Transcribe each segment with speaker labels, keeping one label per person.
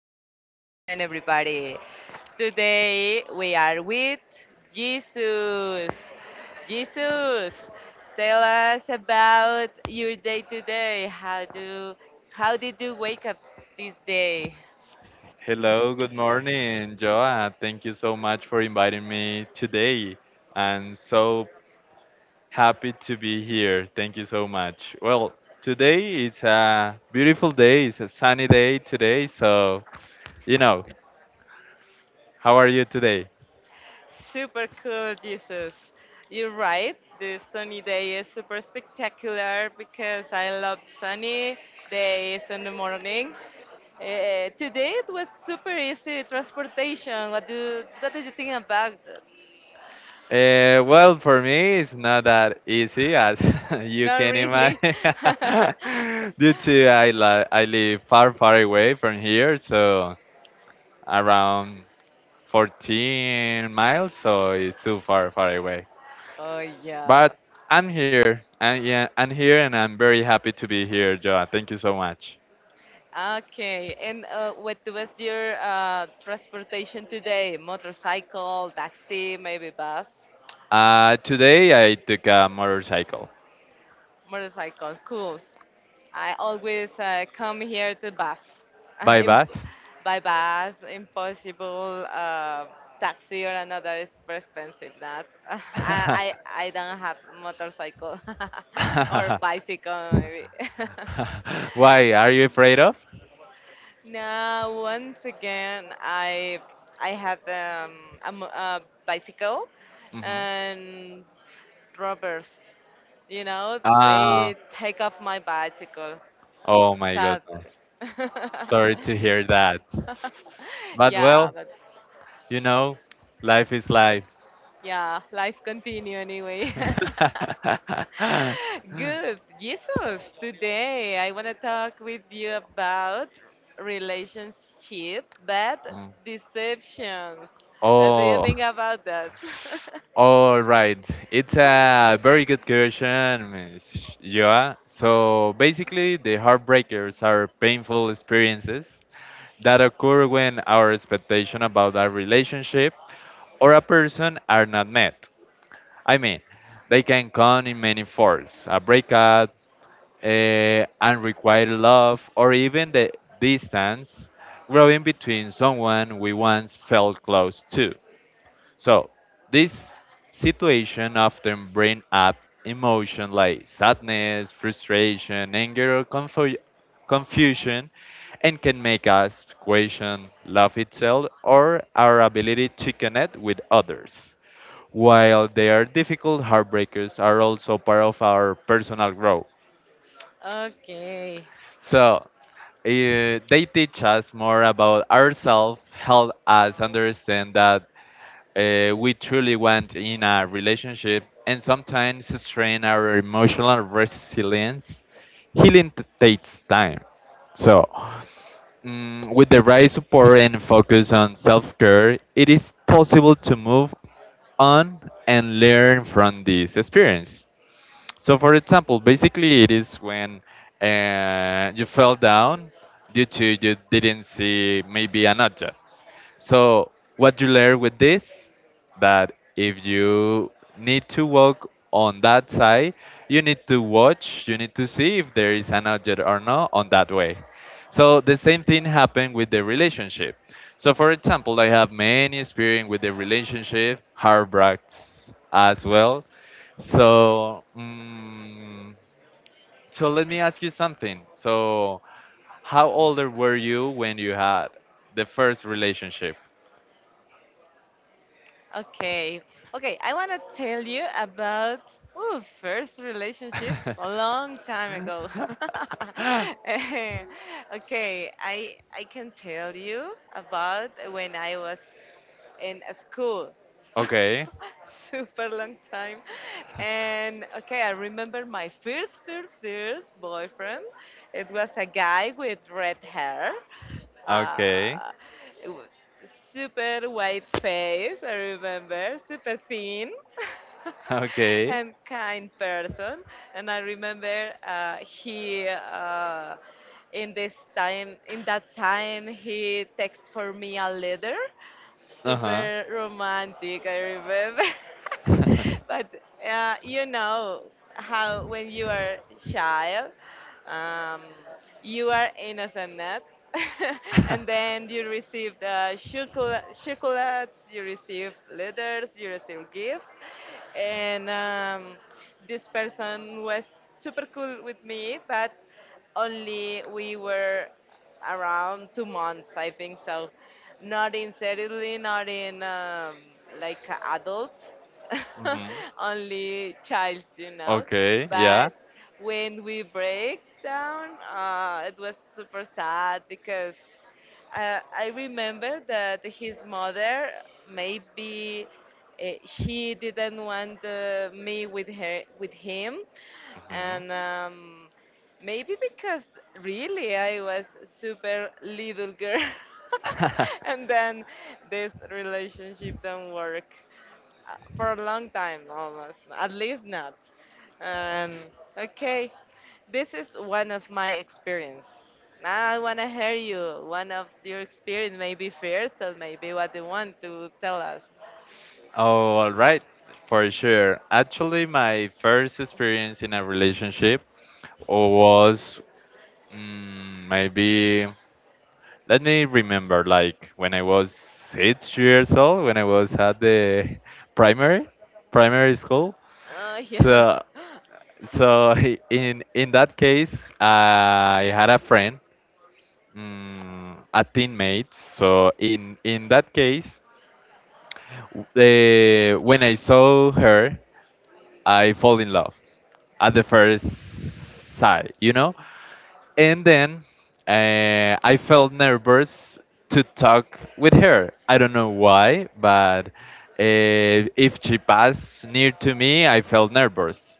Speaker 1: How it's going, everybody? Today we are with Jesus. Jesus, tell us about your day today. How did you wake up this day?
Speaker 2: Hello, good morning, Joa. Thank you so much for inviting me today. I'm so happy to be here. Thank you so much. Well, today it's a beautiful day. It's a sunny day today. So, you know, how are you today?
Speaker 1: Super cool, Jesus. You're right. The sunny day is super spectacular because I love sunny days in the morning. Today it was super easy transportation. What did you think about that?
Speaker 2: Well, for me, it's not that easy as you
Speaker 1: Not
Speaker 2: can
Speaker 1: really.
Speaker 2: imagine. Due to I live far, far away from here, so around 14 miles, so it's too far, far away.
Speaker 1: Oh, yeah.
Speaker 2: But I'm here, and yeah, I'm here, and I'm very happy to be here, Joa. Thank you so much.
Speaker 1: Okay. And what was your transportation today? Motorcycle, taxi, maybe bus?
Speaker 2: Today I took a motorcycle
Speaker 1: Motorcycle. Cool. I always come here to bus,
Speaker 2: by
Speaker 1: Im-
Speaker 2: bus.
Speaker 1: by bus, impossible taxi or another is very expensive. That I, I I don't have motorcycle or bicycle maybe.
Speaker 2: Why are you afraid of?
Speaker 1: Now once again I had a bicycle
Speaker 2: Mhm.
Speaker 1: and robbers,
Speaker 2: Ah,
Speaker 1: they take off my bicycle.
Speaker 2: oh my goodness.
Speaker 1: Sadly.
Speaker 2: Sorry to hear that. But
Speaker 1: Yeah,
Speaker 2: well,
Speaker 1: but
Speaker 2: you know, life is life.
Speaker 1: yeah, life continue anyway. Good. Jesus, today I want to talk with you about relationships, but
Speaker 2: Mm.
Speaker 1: deceptions. What do you
Speaker 2: Oh.
Speaker 1: think about that?
Speaker 2: All right, it's a very good question, Ms. Joa. So basically, the heartbreakers are painful experiences that occur when our expectation about a relationship or a person are not met. I mean, they can come in many forms: a breakup, unrequited love, or even the distance growing between someone we once felt close to. So this situation often bring up emotion like sadness, frustration, anger, or confusion, and can make us question love itself or our ability to connect with others. While they are difficult, heartbreakers are also part of our personal growth.
Speaker 1: Okay.
Speaker 2: So they teach us more about ourselves, help us understand that we truly want in a relationship, and sometimes strain our emotional resilience. Healing takes time. So, with the right support and focus on self care, it is possible to move on and learn from this experience. So, for example, basically, it is when you fell down due to you didn't see maybe an object, so what you learn with this, that if you need to walk on that side, you need to watch, you need to see if there is an object or not on that way. So the same thing happened with the relationship. So for example, I have many experience with the relationship, heartbreaks as well. So let me ask you something. So how older were you when you had the first relationship?
Speaker 1: Okay. Okay, I want to tell you about ooh, first relationship a long time ago. Eh, okay, I can tell you about when I was in a school.
Speaker 2: okay.
Speaker 1: Super long time. And okay, I remember my first, first, first boyfriend. It was a guy with red hair,
Speaker 2: Okay.
Speaker 1: uh, it wa- super white face, I remember, super thin.
Speaker 2: Okay.
Speaker 1: And kind person. And I remember he in that time he texted for me a letter
Speaker 2: Uh
Speaker 1: super romantic, I remember.
Speaker 2: huh.
Speaker 1: But you know how when you are child, um, you are innocent, not? And then you receive chocolates, you receive letters, you receive gifts, and this person was super cool with me, but only we were around 2 months, I think so. Not in seriously, not in like adults,
Speaker 2: Mhm.
Speaker 1: only child.
Speaker 2: Okay, yeah.
Speaker 1: But when we break down, it was super sad because I remember that his mother maybe she didn't want me with him,
Speaker 2: Mhm.
Speaker 1: and maybe because really I was super little girl, and then this relationship don't work. For a long time almost at least not um, okay, this is one of my experience. Now I want to hear you one of your experience maybe first or maybe what you want to tell us.
Speaker 2: Oh, all right, for sure. Actually, my first experience in a relationship was maybe, let me remember, like when I was 6 years old, when I was at the primary, primary school.
Speaker 1: Oh, yeah.
Speaker 2: So, so in that case, I had a friend, a teammate. So in that case, when I saw her, I fall in love at the first sight, you know? And then I felt nervous to talk with her. I don't know why, but if she passed near to me, I felt nervous.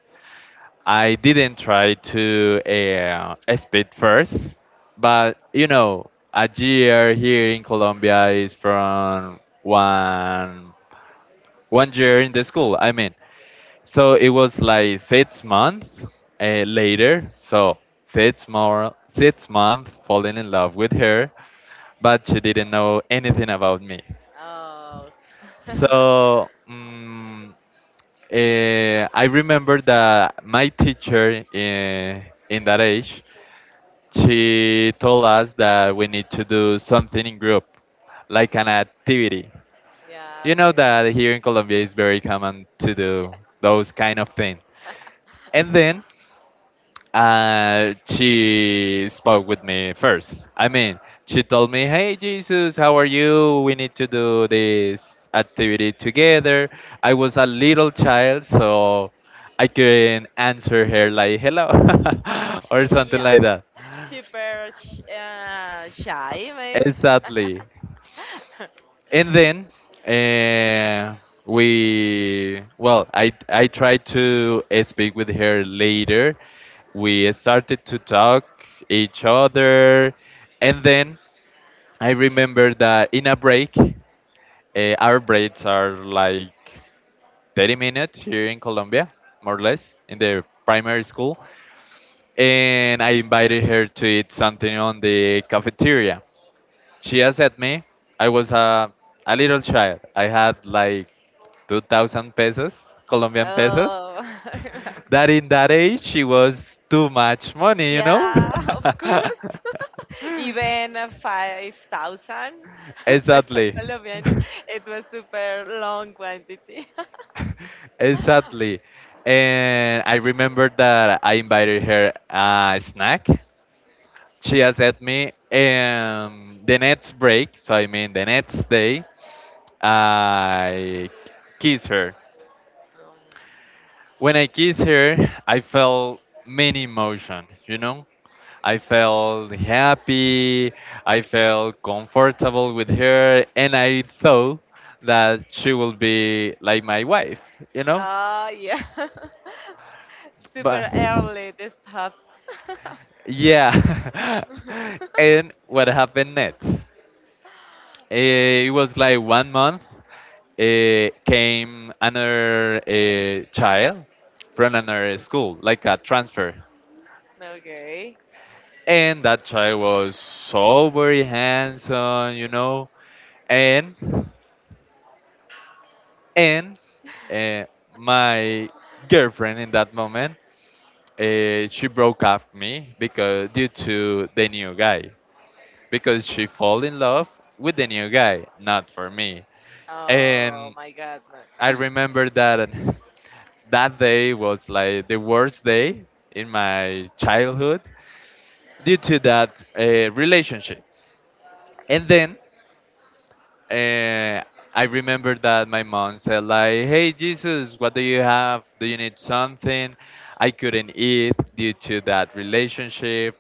Speaker 2: I didn't try to speak first, but a year here in Colombia is from one year in the school. I mean, so it was like 6 months later. So six more 6 months falling in love with her, but she didn't know anything about me.
Speaker 1: Oh,
Speaker 2: So I remember that my teacher in, that age, she told us that we need to do something in group, like an activity.
Speaker 1: yeah.
Speaker 2: You know
Speaker 1: Okay.
Speaker 2: that here in Colombia it's very common to do those kind of things.
Speaker 1: Yeah.
Speaker 2: And then and she spoke with me first. I mean, she told me, "Hey Jesus, how are you? We need to do this activity together." I was a little child, so I couldn't answer her like "hello" or something
Speaker 1: Yeah.
Speaker 2: like that.
Speaker 1: Super shy maybe.
Speaker 2: Exactly. And then, uh, we well I tried to speak with her later. We started to talk each other, and then I remember that in a break, our breaks are like 30 minutes here in Colombia, more or less in the primary school. And I invited her to eat something on the cafeteria. She asked me. I was a little child. I had like 2,000 pesos, Colombian pesos,
Speaker 1: Oh, I remember.
Speaker 2: that in that age it was too much money, you know?
Speaker 1: Yeah, of course. Even 5,000 peso
Speaker 2: exactly.
Speaker 1: Colombian, it was super long quantity.
Speaker 2: exactly. And I remember that I invited her a snack. She accepted me, and the next break, so I mean the next day, I kiss her. When I kiss her, I felt many emotion, you know? I felt happy. I felt comfortable with her, and I thought that she will be like my wife, you know.
Speaker 1: Ah, yeah.
Speaker 2: But
Speaker 1: Super early this stuff.
Speaker 2: yeah, and what happened next? It was like one month. Came another child from another school, like a transfer,
Speaker 1: Okay.
Speaker 2: and that child was so very handsome, and and uh, my girlfriend in that moment, she broke up me because due to the new guy, because she fall in love with the new guy not for me.
Speaker 1: Oh
Speaker 2: And
Speaker 1: my God,
Speaker 2: I
Speaker 1: no.
Speaker 2: remember that that day was like the worst day in my childhood due to that relationship. And then, Uh, I remember that my mom said like, "Hey Jesus, what do you have? Do you need something?" I couldn't eat due to that relationship.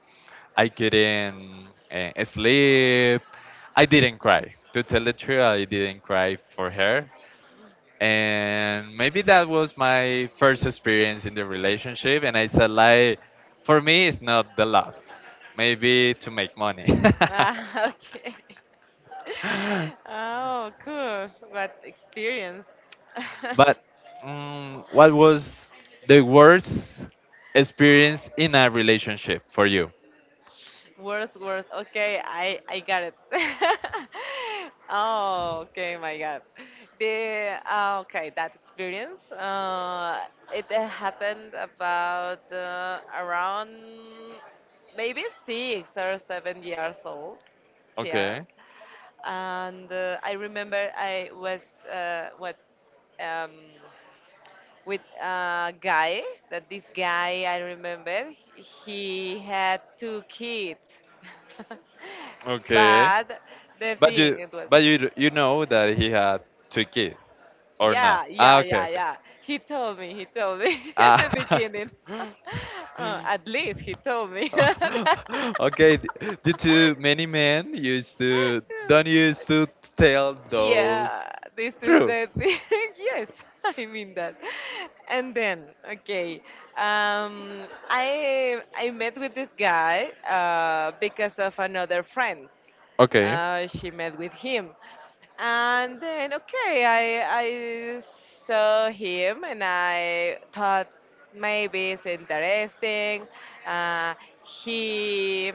Speaker 2: I couldn't sleep. I didn't cry. To tell the truth, I didn't cry for her. And maybe that was my first experience in the relationship. And I said like, for me, it's not the love. Maybe to make money.
Speaker 1: Ah, okay. Oh, cool. What experience.
Speaker 2: But what was the worst experience in a relationship for you?
Speaker 1: Worse, worse. Okay, I got it. Oh, okay, my God. That experience. It happened about around maybe 6 or 7 years old. Yeah,
Speaker 2: Okay,
Speaker 1: and I remember I was what um with a guy that this guy I remember he had two kids.
Speaker 2: okay.
Speaker 1: But the
Speaker 2: But
Speaker 1: thing
Speaker 2: you,
Speaker 1: it was,
Speaker 2: but you know that he had two kids or not?
Speaker 1: yeah,
Speaker 2: Ah,
Speaker 1: yeah,
Speaker 2: okay,
Speaker 1: yeah,
Speaker 2: okay.
Speaker 1: yeah. He told me,
Speaker 2: Ah.
Speaker 1: beginning. At least he told me that.
Speaker 2: Okay, due to many men used to don't used to tell those
Speaker 1: Yeah, this is
Speaker 2: true.
Speaker 1: the thing. Yes, I mean that. And then, okay, I met with this guy because of another friend
Speaker 2: Okay.
Speaker 1: she met with him. And then, okay, I saw him and I thought maybe it's interesting. Uh, he,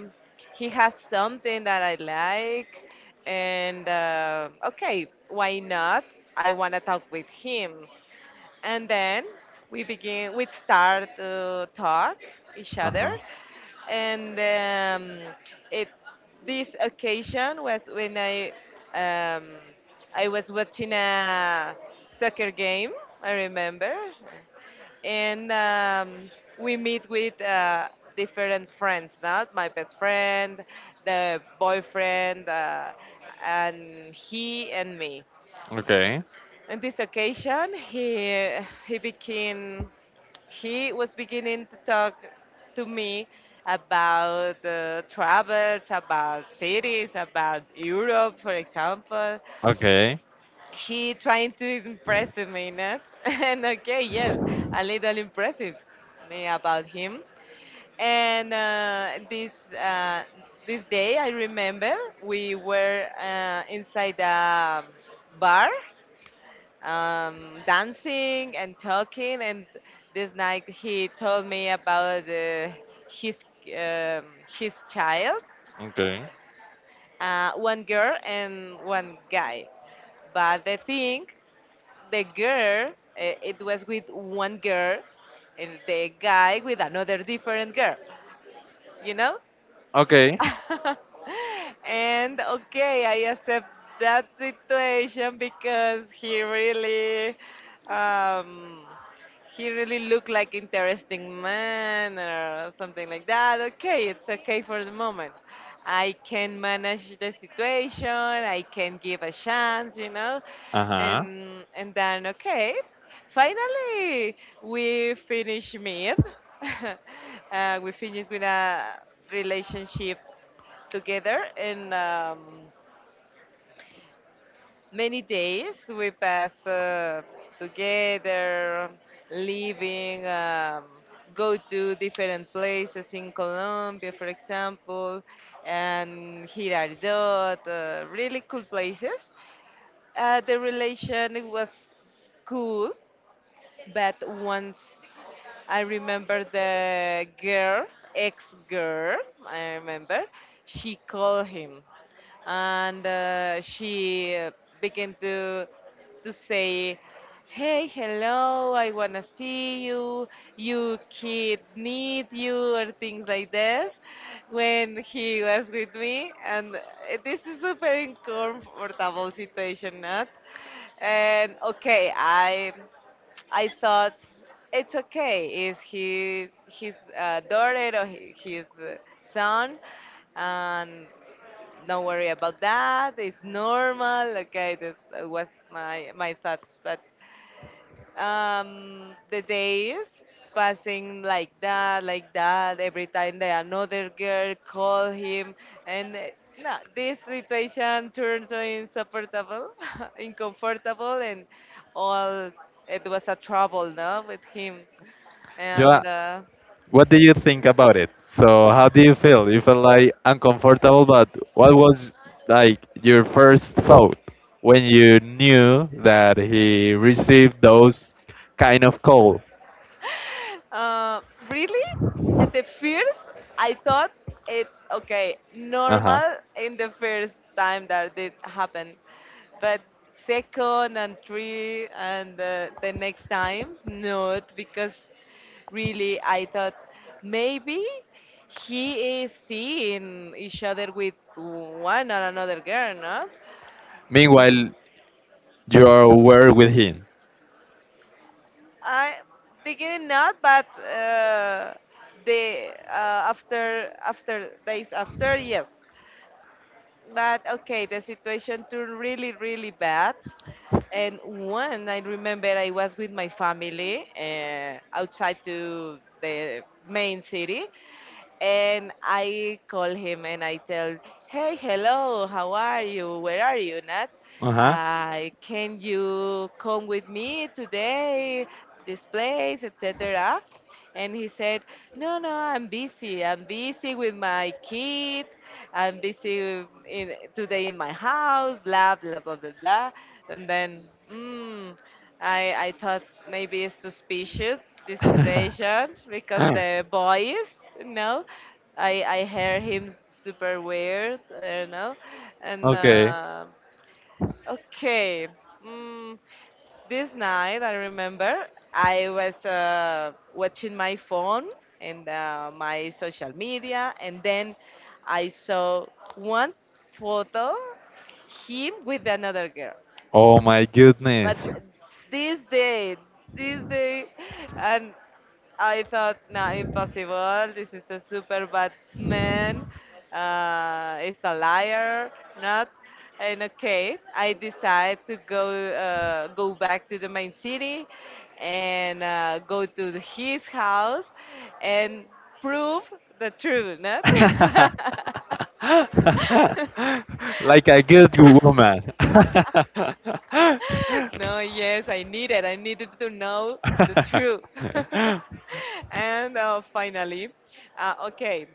Speaker 1: he has something that I like. And okay, why not? I want to talk with him, and then we start to talk each
Speaker 2: Uh
Speaker 1: other.
Speaker 2: huh.
Speaker 1: And it this occasion was when um, I was watching a soccer game, I remember. And we meet with different friends, not my best friend, the boyfriend, and he and me.
Speaker 2: Okay.
Speaker 1: On this occasion, he became he was beginning to talk to me about travels, about cities, about Europe, for example.
Speaker 2: Okay.
Speaker 1: He trying to impress me, not? And okay, yes, a little impressive me about him. And this day, I remember, we were inside a bar, dancing and talking. And this night he told me about his um, child,
Speaker 2: Okay.
Speaker 1: one girl and one guy. But the thing, the girl, it was with one girl, and the guy with another different girl. You know.
Speaker 2: Okay.
Speaker 1: And okay, I accept that situation because um, he really looked like interesting man or something like that. Okay, it's okay for the moment. I can manage the situation. I can give a chance,
Speaker 2: Uh huh.
Speaker 1: and then okay, finally we finish meet. We finish with a relationship together. And many days we pass together, living, go to different places in Colombia, for example, and Girardot, really cool places. The relation was cool, but once I remember the girl, ex girl, I remember, she called him, and she began to say, "Hey, hello, I wanna see you, you kid need you," or things like this when he was with me. And this is a very uncomfortable situation, not? And okay, I thought it's okay if he his daughter or his son, and don't worry about that. It's normal. Okay, this was my thoughts, but the days passing like that, like that. Every time that another girl call him, and no, this situation turns so insupportable, uncomfortable, and all. It was a trouble, no, with him,
Speaker 2: Joa,
Speaker 1: and.
Speaker 2: what did you think about it? So, how do you feel? You felt like uncomfortable, but what was like your first thought when you knew that he received those kind of call?
Speaker 1: Uh, Really, at the first, I thought it's okay,
Speaker 2: Uh huh.
Speaker 1: normal in the first time that it happened, but second and three and the next times, not, because really I thought maybe he is seeing each other with one or another girl, no?
Speaker 2: Meanwhile, you were with him.
Speaker 1: I beginning not, but the after days after yes. But okay, the situation turned really, really bad. And one, I remember I was with my family outside to the main city, and I call him and I tell, "Hey, hello, how are you? Where are you, Nat?
Speaker 2: Uh
Speaker 1: Can you come with me today? This place, etc." And he said, "No, no, I'm busy. I'm busy with my kid. I'm busy in my house, blah blah blah blah blah." And then mm, I thought maybe it's suspicious this situation because
Speaker 2: huh.
Speaker 1: the boys, you know, I hear him super weird, I don't know, and
Speaker 2: Okay.
Speaker 1: okay. mm, this night, I remember, I was watching my phone and my social media, and then I saw one photo, him with another girl.
Speaker 2: Oh my
Speaker 1: But
Speaker 2: goodness.
Speaker 1: this day, this day, and I thought, no, impossible. This is a super bad man. It's a liar, not. And okay, I decide to go back to the main city and go to his house and prove the truth, not.
Speaker 2: Like a good woman.
Speaker 1: No, yes, I needed. I needed to know the truth. And finally, okay,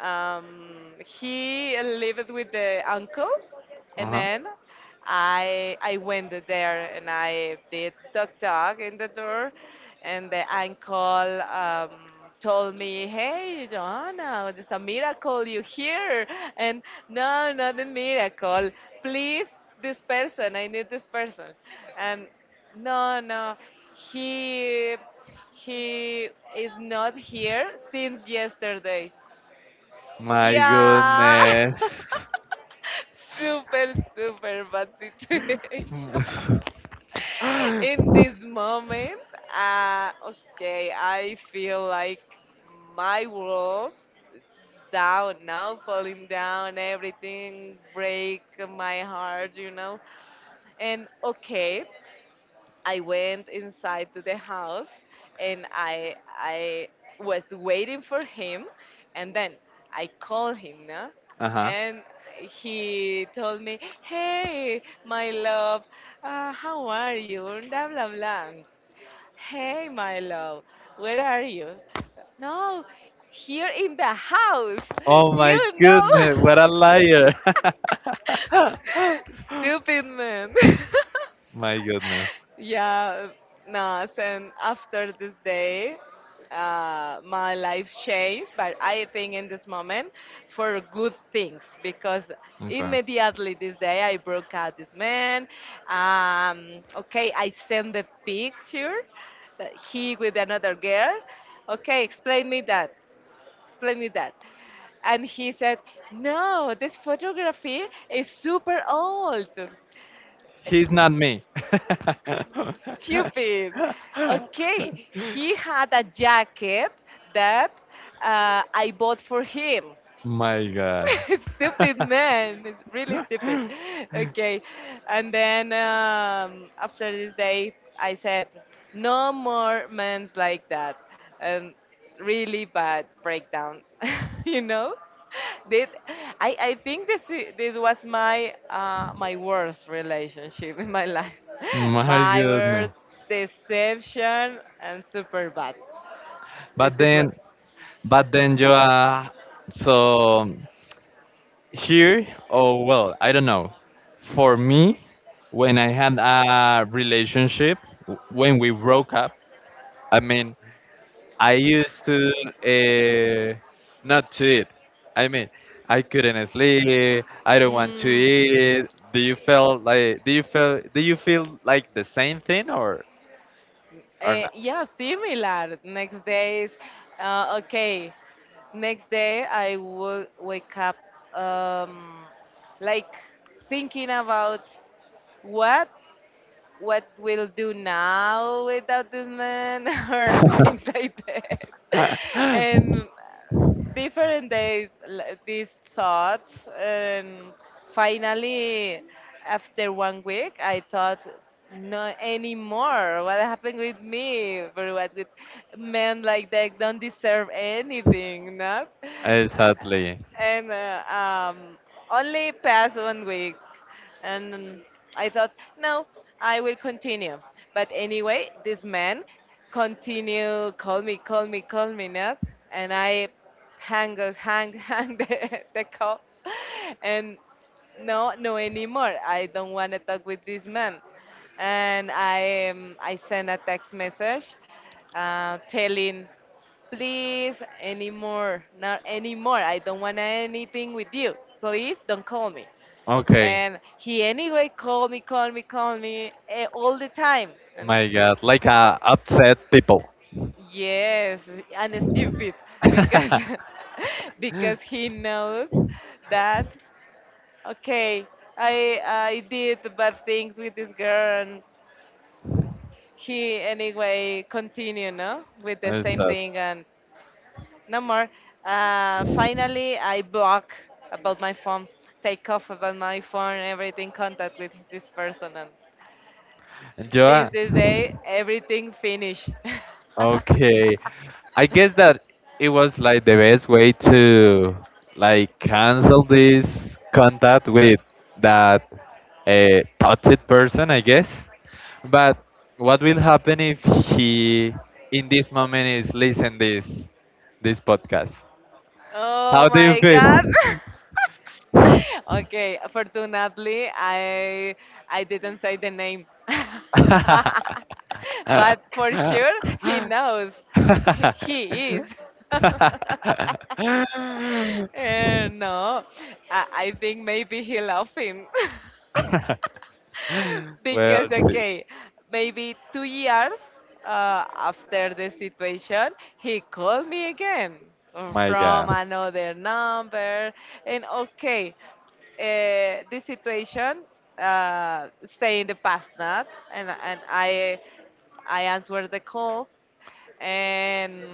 Speaker 1: he lived with the uncle.
Speaker 2: Uh
Speaker 1: And
Speaker 2: huh.
Speaker 1: then I went there and I did dog dog in the door, and the uncle told me, "Hey, Joanna, it's a miracle you here." And no, not a miracle. Please, this person. I need this person. And no, no, he he is not here since yesterday.
Speaker 2: My
Speaker 1: Yeah.
Speaker 2: goodness.
Speaker 1: Super, super bad situation in this moment. Okay, I feel like my world is down now, falling down, everything break my heart. And okay, I went inside to the house, and I was waiting for him. And then I called him, no?
Speaker 2: Uh huh.
Speaker 1: And he told me, "Hey my love, how are you? Blah blah blah. Hey my love, where are you?" No, here in the house.
Speaker 2: Oh
Speaker 1: You
Speaker 2: my
Speaker 1: know.
Speaker 2: goodness, what a liar!
Speaker 1: Stupid man.
Speaker 2: My goodness.
Speaker 1: Yeah, no, and after this day, my life changed, but I think in this moment for good things, because
Speaker 2: Okay.
Speaker 1: immediately this day I broke out this man. Okay, I sent the picture that he with another girl. Okay, explain me that. Explain me that. And he said, "No, this photography is super old."
Speaker 2: He's not me.
Speaker 1: Stupid. Okay, he had a jacket that I bought for him.
Speaker 2: My God.
Speaker 1: Stupid man, it's really stupid. Okay, and then after this day I said no more men's like that, and really bad breakdown. You know, did I think this was my worst relationship in my life.
Speaker 2: My
Speaker 1: My
Speaker 2: goodness.
Speaker 1: worst deception and super bad. it,
Speaker 2: But
Speaker 1: it was.
Speaker 2: then, but then you are so. Here, oh well, I don't know. For me, when I had a relationship, when we broke up, I mean, I used to uh, not to eat. I mean, I couldn't sleep. I don't want to
Speaker 1: Mm.
Speaker 2: eat. Do you feel like? Do you feel? Do you feel like the same thing, or or
Speaker 1: Yeah, similar. Next days, okay. Next day, I will wake up um, like thinking about what what we'll do now without this man, or things like that.
Speaker 2: not?
Speaker 1: And different days, these thoughts. And finally, after one week, I thought, not anymore. What happened with me? For what with men like that don't deserve anything, not?
Speaker 2: Exactly.
Speaker 1: And only passed 1 week. And I thought, no, I will continue. But anyway, this man continue, call me, call me, call me, not, and I hang, hang, hang the call, and no, no anymore. I don't want to talk with this man. And I sent a text message telling please, anymore. Not anymore. I don't want anything with you. Please don't call me.
Speaker 2: Okay.
Speaker 1: And he anyway called me, called me, called me all the time. And
Speaker 2: My God, like upset people.
Speaker 1: yes, and stupid because because he knows that okay, I did bad things with this girl and he anyway continue no with the
Speaker 2: It's
Speaker 1: same
Speaker 2: sad.
Speaker 1: thing and no more. Finally, I block about my phone, take off about my phone, everything contact with this person. And
Speaker 2: Joa,
Speaker 1: since this day, everything finished.
Speaker 2: okay. I guess that it was like the best way to like cancel this contact with that toxic person, I guess. But what will happen if he in this moment is listen this podcast?
Speaker 1: Oh
Speaker 2: How do you
Speaker 1: my God.
Speaker 2: feel?
Speaker 1: Okay, fortunately, I didn't say the name. But for sure, he knows. He is. No, I think maybe he laughing.
Speaker 2: Well,
Speaker 1: Because
Speaker 2: let's see.
Speaker 1: okay, maybe 2 years after the situation, he called me again
Speaker 2: My God.
Speaker 1: from another number, and okay, the situation stay in the past, not and I answered the call and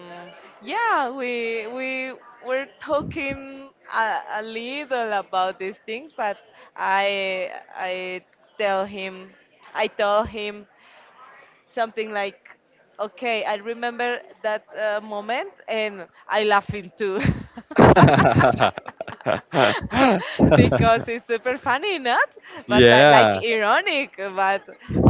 Speaker 1: yeah we were talking a little about these things but I tell him, I told him something like, okay, I remember that moment and I laughing too. Because it's super funny, not? But that, yeah, like
Speaker 2: Yeah.
Speaker 1: ironic, but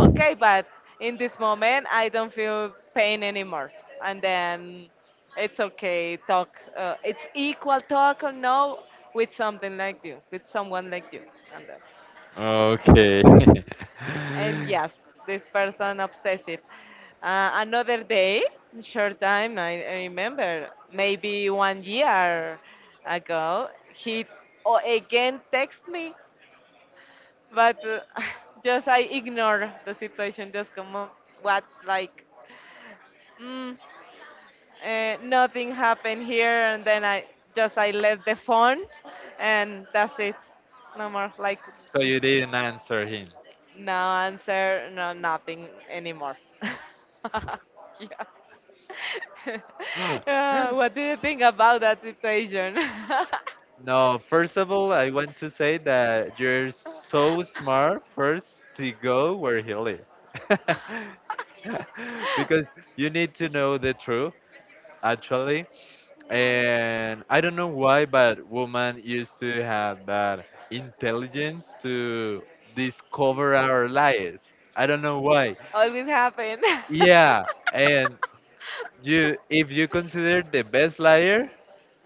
Speaker 1: okay, but in this moment I don't feel pain anymore. And then it's okay, talk. It's equal talk or no with something like you, with someone like you. And then,
Speaker 2: Okay.
Speaker 1: and yes, this person obsessive. Another day, short time, I remember, maybe 1 year ago, he again text me but just I ignore the situation. Just come on, what like, mm, nothing happened here, and then I just I let the phone, and that's it. No more like
Speaker 2: So you didn't answer him.
Speaker 1: no answer, no nothing anymore. Yeah. What do you think about that situation?
Speaker 2: No, first of all, I want to say that you're so smart first to go where he lives. Because you need to know the truth, actually. And I don't know why, but women used to have that intelligence to discover our lies. I don't know why.
Speaker 1: Always happen.
Speaker 2: Yeah, and you, if you consider the best liar,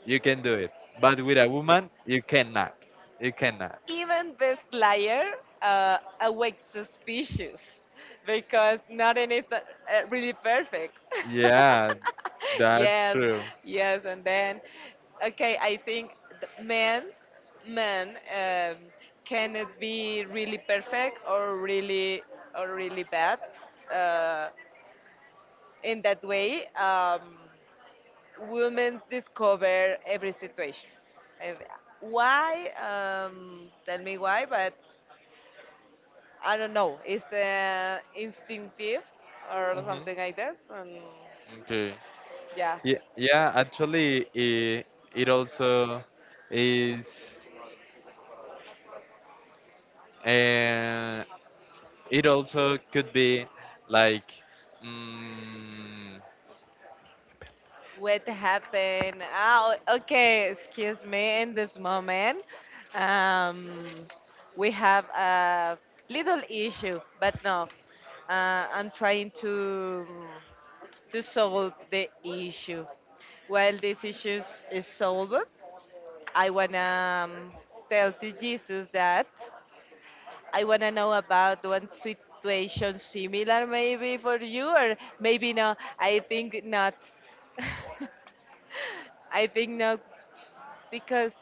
Speaker 2: you can do it. But with a woman, you cannot. You cannot.
Speaker 1: Even this liar awakes suspicious because nothing is really perfect.
Speaker 2: Yeah, that's
Speaker 1: Yes,
Speaker 2: true.
Speaker 1: yes, and then okay, I think the men's men cannot be really perfect or really bad uh, in that way. Women discover every situation. And why? Tell me why, but I don't know. It's instinctive or
Speaker 2: Hmm.
Speaker 1: something like this. And
Speaker 2: Okay.
Speaker 1: yeah,
Speaker 2: Yeah, yeah, actually, it also is. Uh, It also could be like, mm,
Speaker 1: what happened? Ah, okay, excuse me. In this moment, um, we have a little issue, but no, uh, I'm trying to. To solve the issue. While this issue is solved, I wanna tell to Jesus that I wanna know about one situation similar maybe for you or maybe no. I think not. I think not because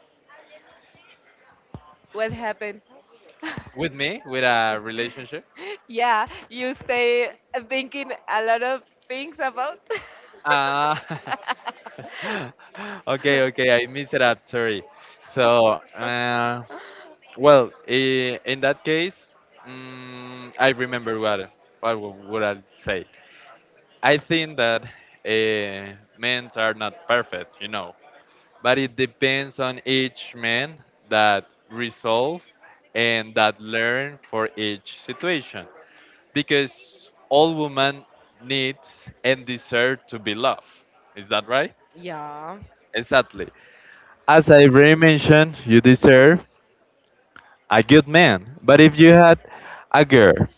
Speaker 1: what happened?
Speaker 2: with me, with a relationship.
Speaker 1: Yeah, you stay thinking a lot of things about.
Speaker 2: Ah, okay, okay, I missed it up. Sorry. So, well, in that case, I remember what would I say. I think that men are not perfect. But it depends on each man that resolve and that learn for each situation, because all women needs and deserve to be loved. Is that right?
Speaker 1: Yeah.
Speaker 2: Exactly. As I already mentioned, you deserve a good man. But if you had a girl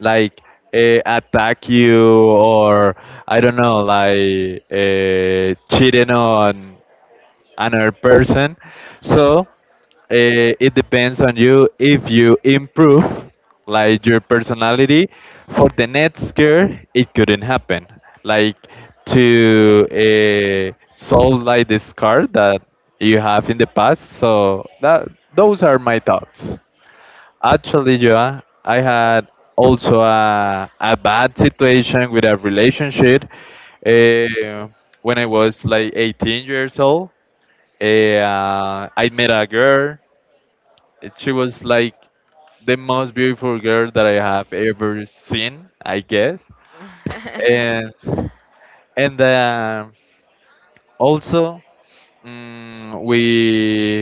Speaker 2: like attack you, or I don't know, like cheating on another person, so it depends on you. If you improve like your personality for the next year, it couldn't happen, like to solve like the scar that you have in the past. So that, those are my thoughts. Actually, Joa, I had also a bad situation with a relationship, uh, when I was like 18 years old. I met a girl. She was like the most beautiful girl that I have ever seen, I guess. And and also, mm, we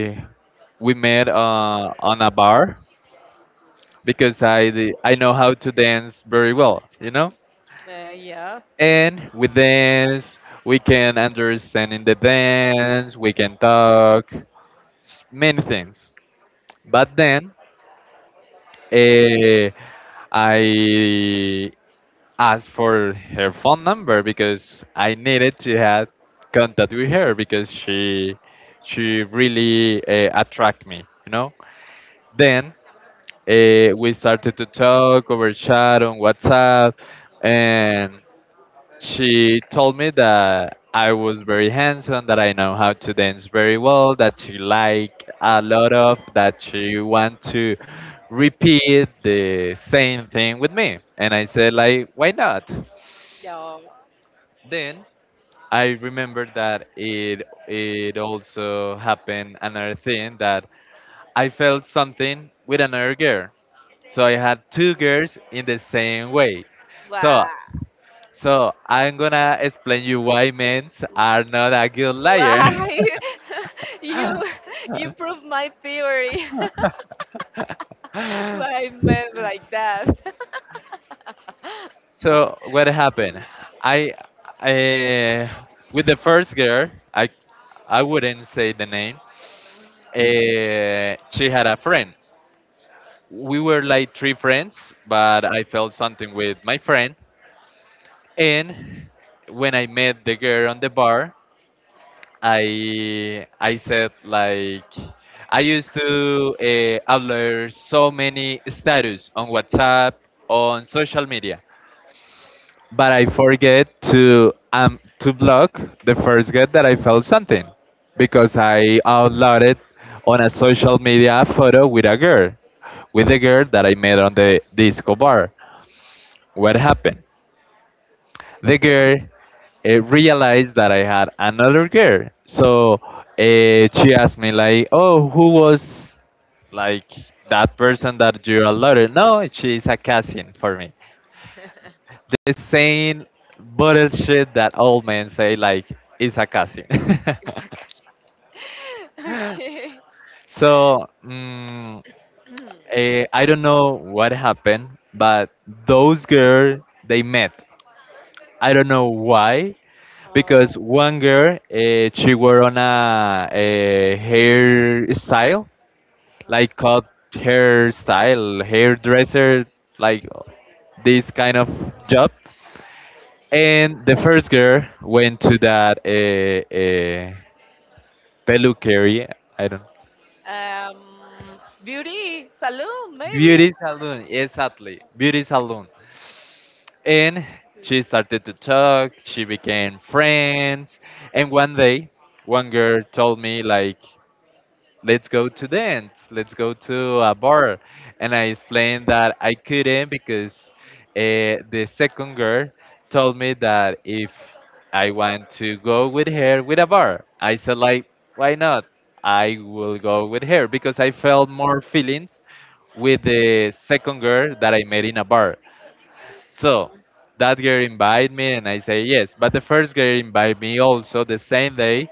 Speaker 2: we met on a bar, because I know how to dance very well, you know.
Speaker 1: Yeah,
Speaker 2: And we dance, we can understand in the dance, we can talk, many things. But then uh, I asked for her phone number because I needed to have contact with her, because she really attract me. Then we started to talk over chat on WhatsApp, and she told me that I was very handsome, that I know how to dance very well, that she liked a lot of, that she want to repeat the same thing with me. And I said like, why not?
Speaker 1: yeah.
Speaker 2: Then I remember that it also happened another thing that I felt something with another girl. So I had two girls in the same way. So
Speaker 1: Wow,
Speaker 2: so I'm gonna explain you why men are not a good liar.
Speaker 1: wow! You you proved my theory. What I meant like that.
Speaker 2: So what happened? I, I with the first girl, I wouldn't say the name. She had a friend, we were like three friends, but I felt something with my friend. And when I met the girl on the bar, I said like I used to upload so many status on WhatsApp, on social media, but I forget to to block the first get that I felt something because I uploaded on a social media photo with a girl, with the girl that I met on the disco bar. What happened? The girl realized that I had another girl, so she asked me like, "Oh, who was like that person that you allotted?" No, she's a cousin for me. The same bullshit that old men say like is a cousin.
Speaker 1: Exactly. Okay.
Speaker 2: So
Speaker 1: Mm.
Speaker 2: I don't know what happened, but those girls they met. I don't know why, because one girl she wore on a hair style, like cut, hairstyle, hairdresser, like this kind of job, and the first girl went to that peluqueria, I don't know,
Speaker 1: Uh, um, Beauty salon maybe.
Speaker 2: beauty salon, exactly, beauty salon. And she started to talk, she became friends, and one day one girl told me like, let's go to dance, let's go to a bar. And I explained that I couldn't because the second girl told me that if I want to go with her with a bar, I said like, why not? I will go with her because I felt more feelings with the second girl that I met in a bar. So that girl invited me and I say yes. But the first girl invited me also the same day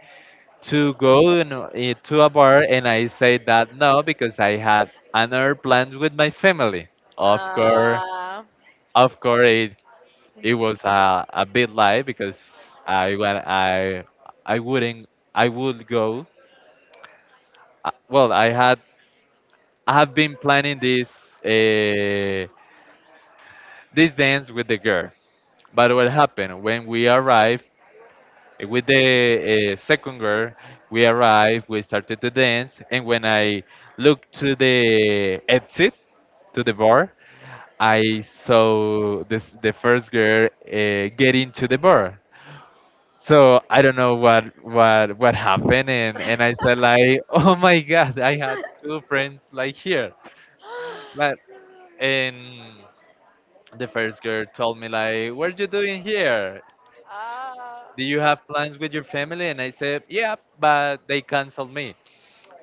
Speaker 2: to go in, eh, to a bar, and I say that no because I had another plan with my family. Of course,
Speaker 1: Uh,
Speaker 2: of course, it was a big lie because I when I wouldn't I would go. Well, I have been planning this uh, this dance with the girl. But what happened when we arrived? Eh, with the second girl, we arrived, we started to dance, and when I looked to the exit, to the bar, I saw this, the first girl get into the bar. So I don't know what happened, and I said like, oh my god, I had two friends like here, but and the first girl told me like, what are you doing here?
Speaker 1: Ah,
Speaker 2: Do you have plans with your family? And I said, yeah, but they canceled me.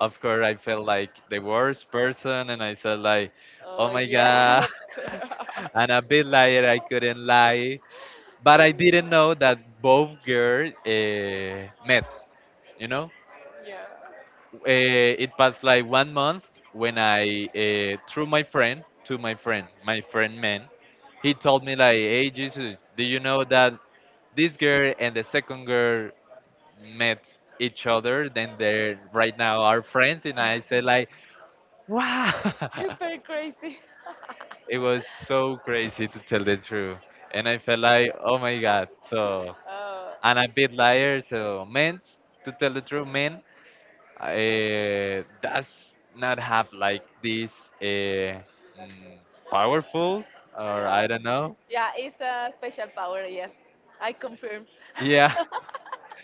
Speaker 2: Of course I felt like the worst person and I said like, oh
Speaker 1: oh
Speaker 2: my
Speaker 1: yeah,
Speaker 2: god,
Speaker 1: cor-
Speaker 2: I'm a big liar, I couldn't lie. But I didn't know that both girls met, you know?
Speaker 1: yeah,
Speaker 2: It passed like 1 month when I, through my friend, to my friend man, he told me like, hey Jesus, do you know that this girl and the second girl met each other, then they're right now are friends. And I said like, wow.
Speaker 1: super crazy.
Speaker 2: It was so crazy to tell the truth. And I felt like, oh my God. So, and
Speaker 1: Oh
Speaker 2: a bit liar. So, men, to tell the truth, men does not have like this powerful, or
Speaker 1: yeah,
Speaker 2: I don't know.
Speaker 1: yeah, it's a special power. Yeah, I confirm.
Speaker 2: Yeah,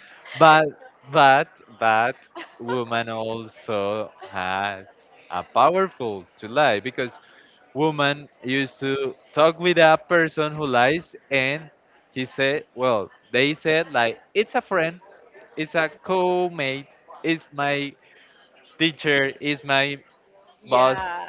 Speaker 2: but but but woman also has a powerful to lie, because woman used to talk with a person who lies, and he said well they said like, it's a friend, it's a co-mate, it's my teacher, it's my boss,
Speaker 1: Yeah.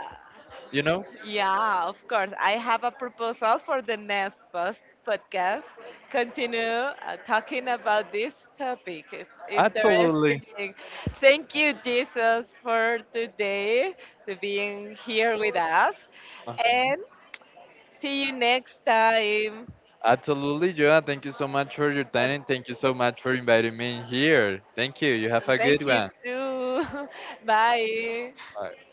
Speaker 2: you know.
Speaker 1: Yeah, of course. I have a proposal for the next post podcast. Continue talking about this topic. It's
Speaker 2: Absolutely.
Speaker 1: interesting. Thank you, Jesus, for today, to being here with us.
Speaker 2: Mhm.
Speaker 1: And see you next time.
Speaker 2: Absolutely, Joan, thank you so much for your time,
Speaker 1: And
Speaker 2: and thank you so much for inviting me here. Thank you, you have a good
Speaker 1: thank you
Speaker 2: one.
Speaker 1: too. Bye.
Speaker 2: Bye.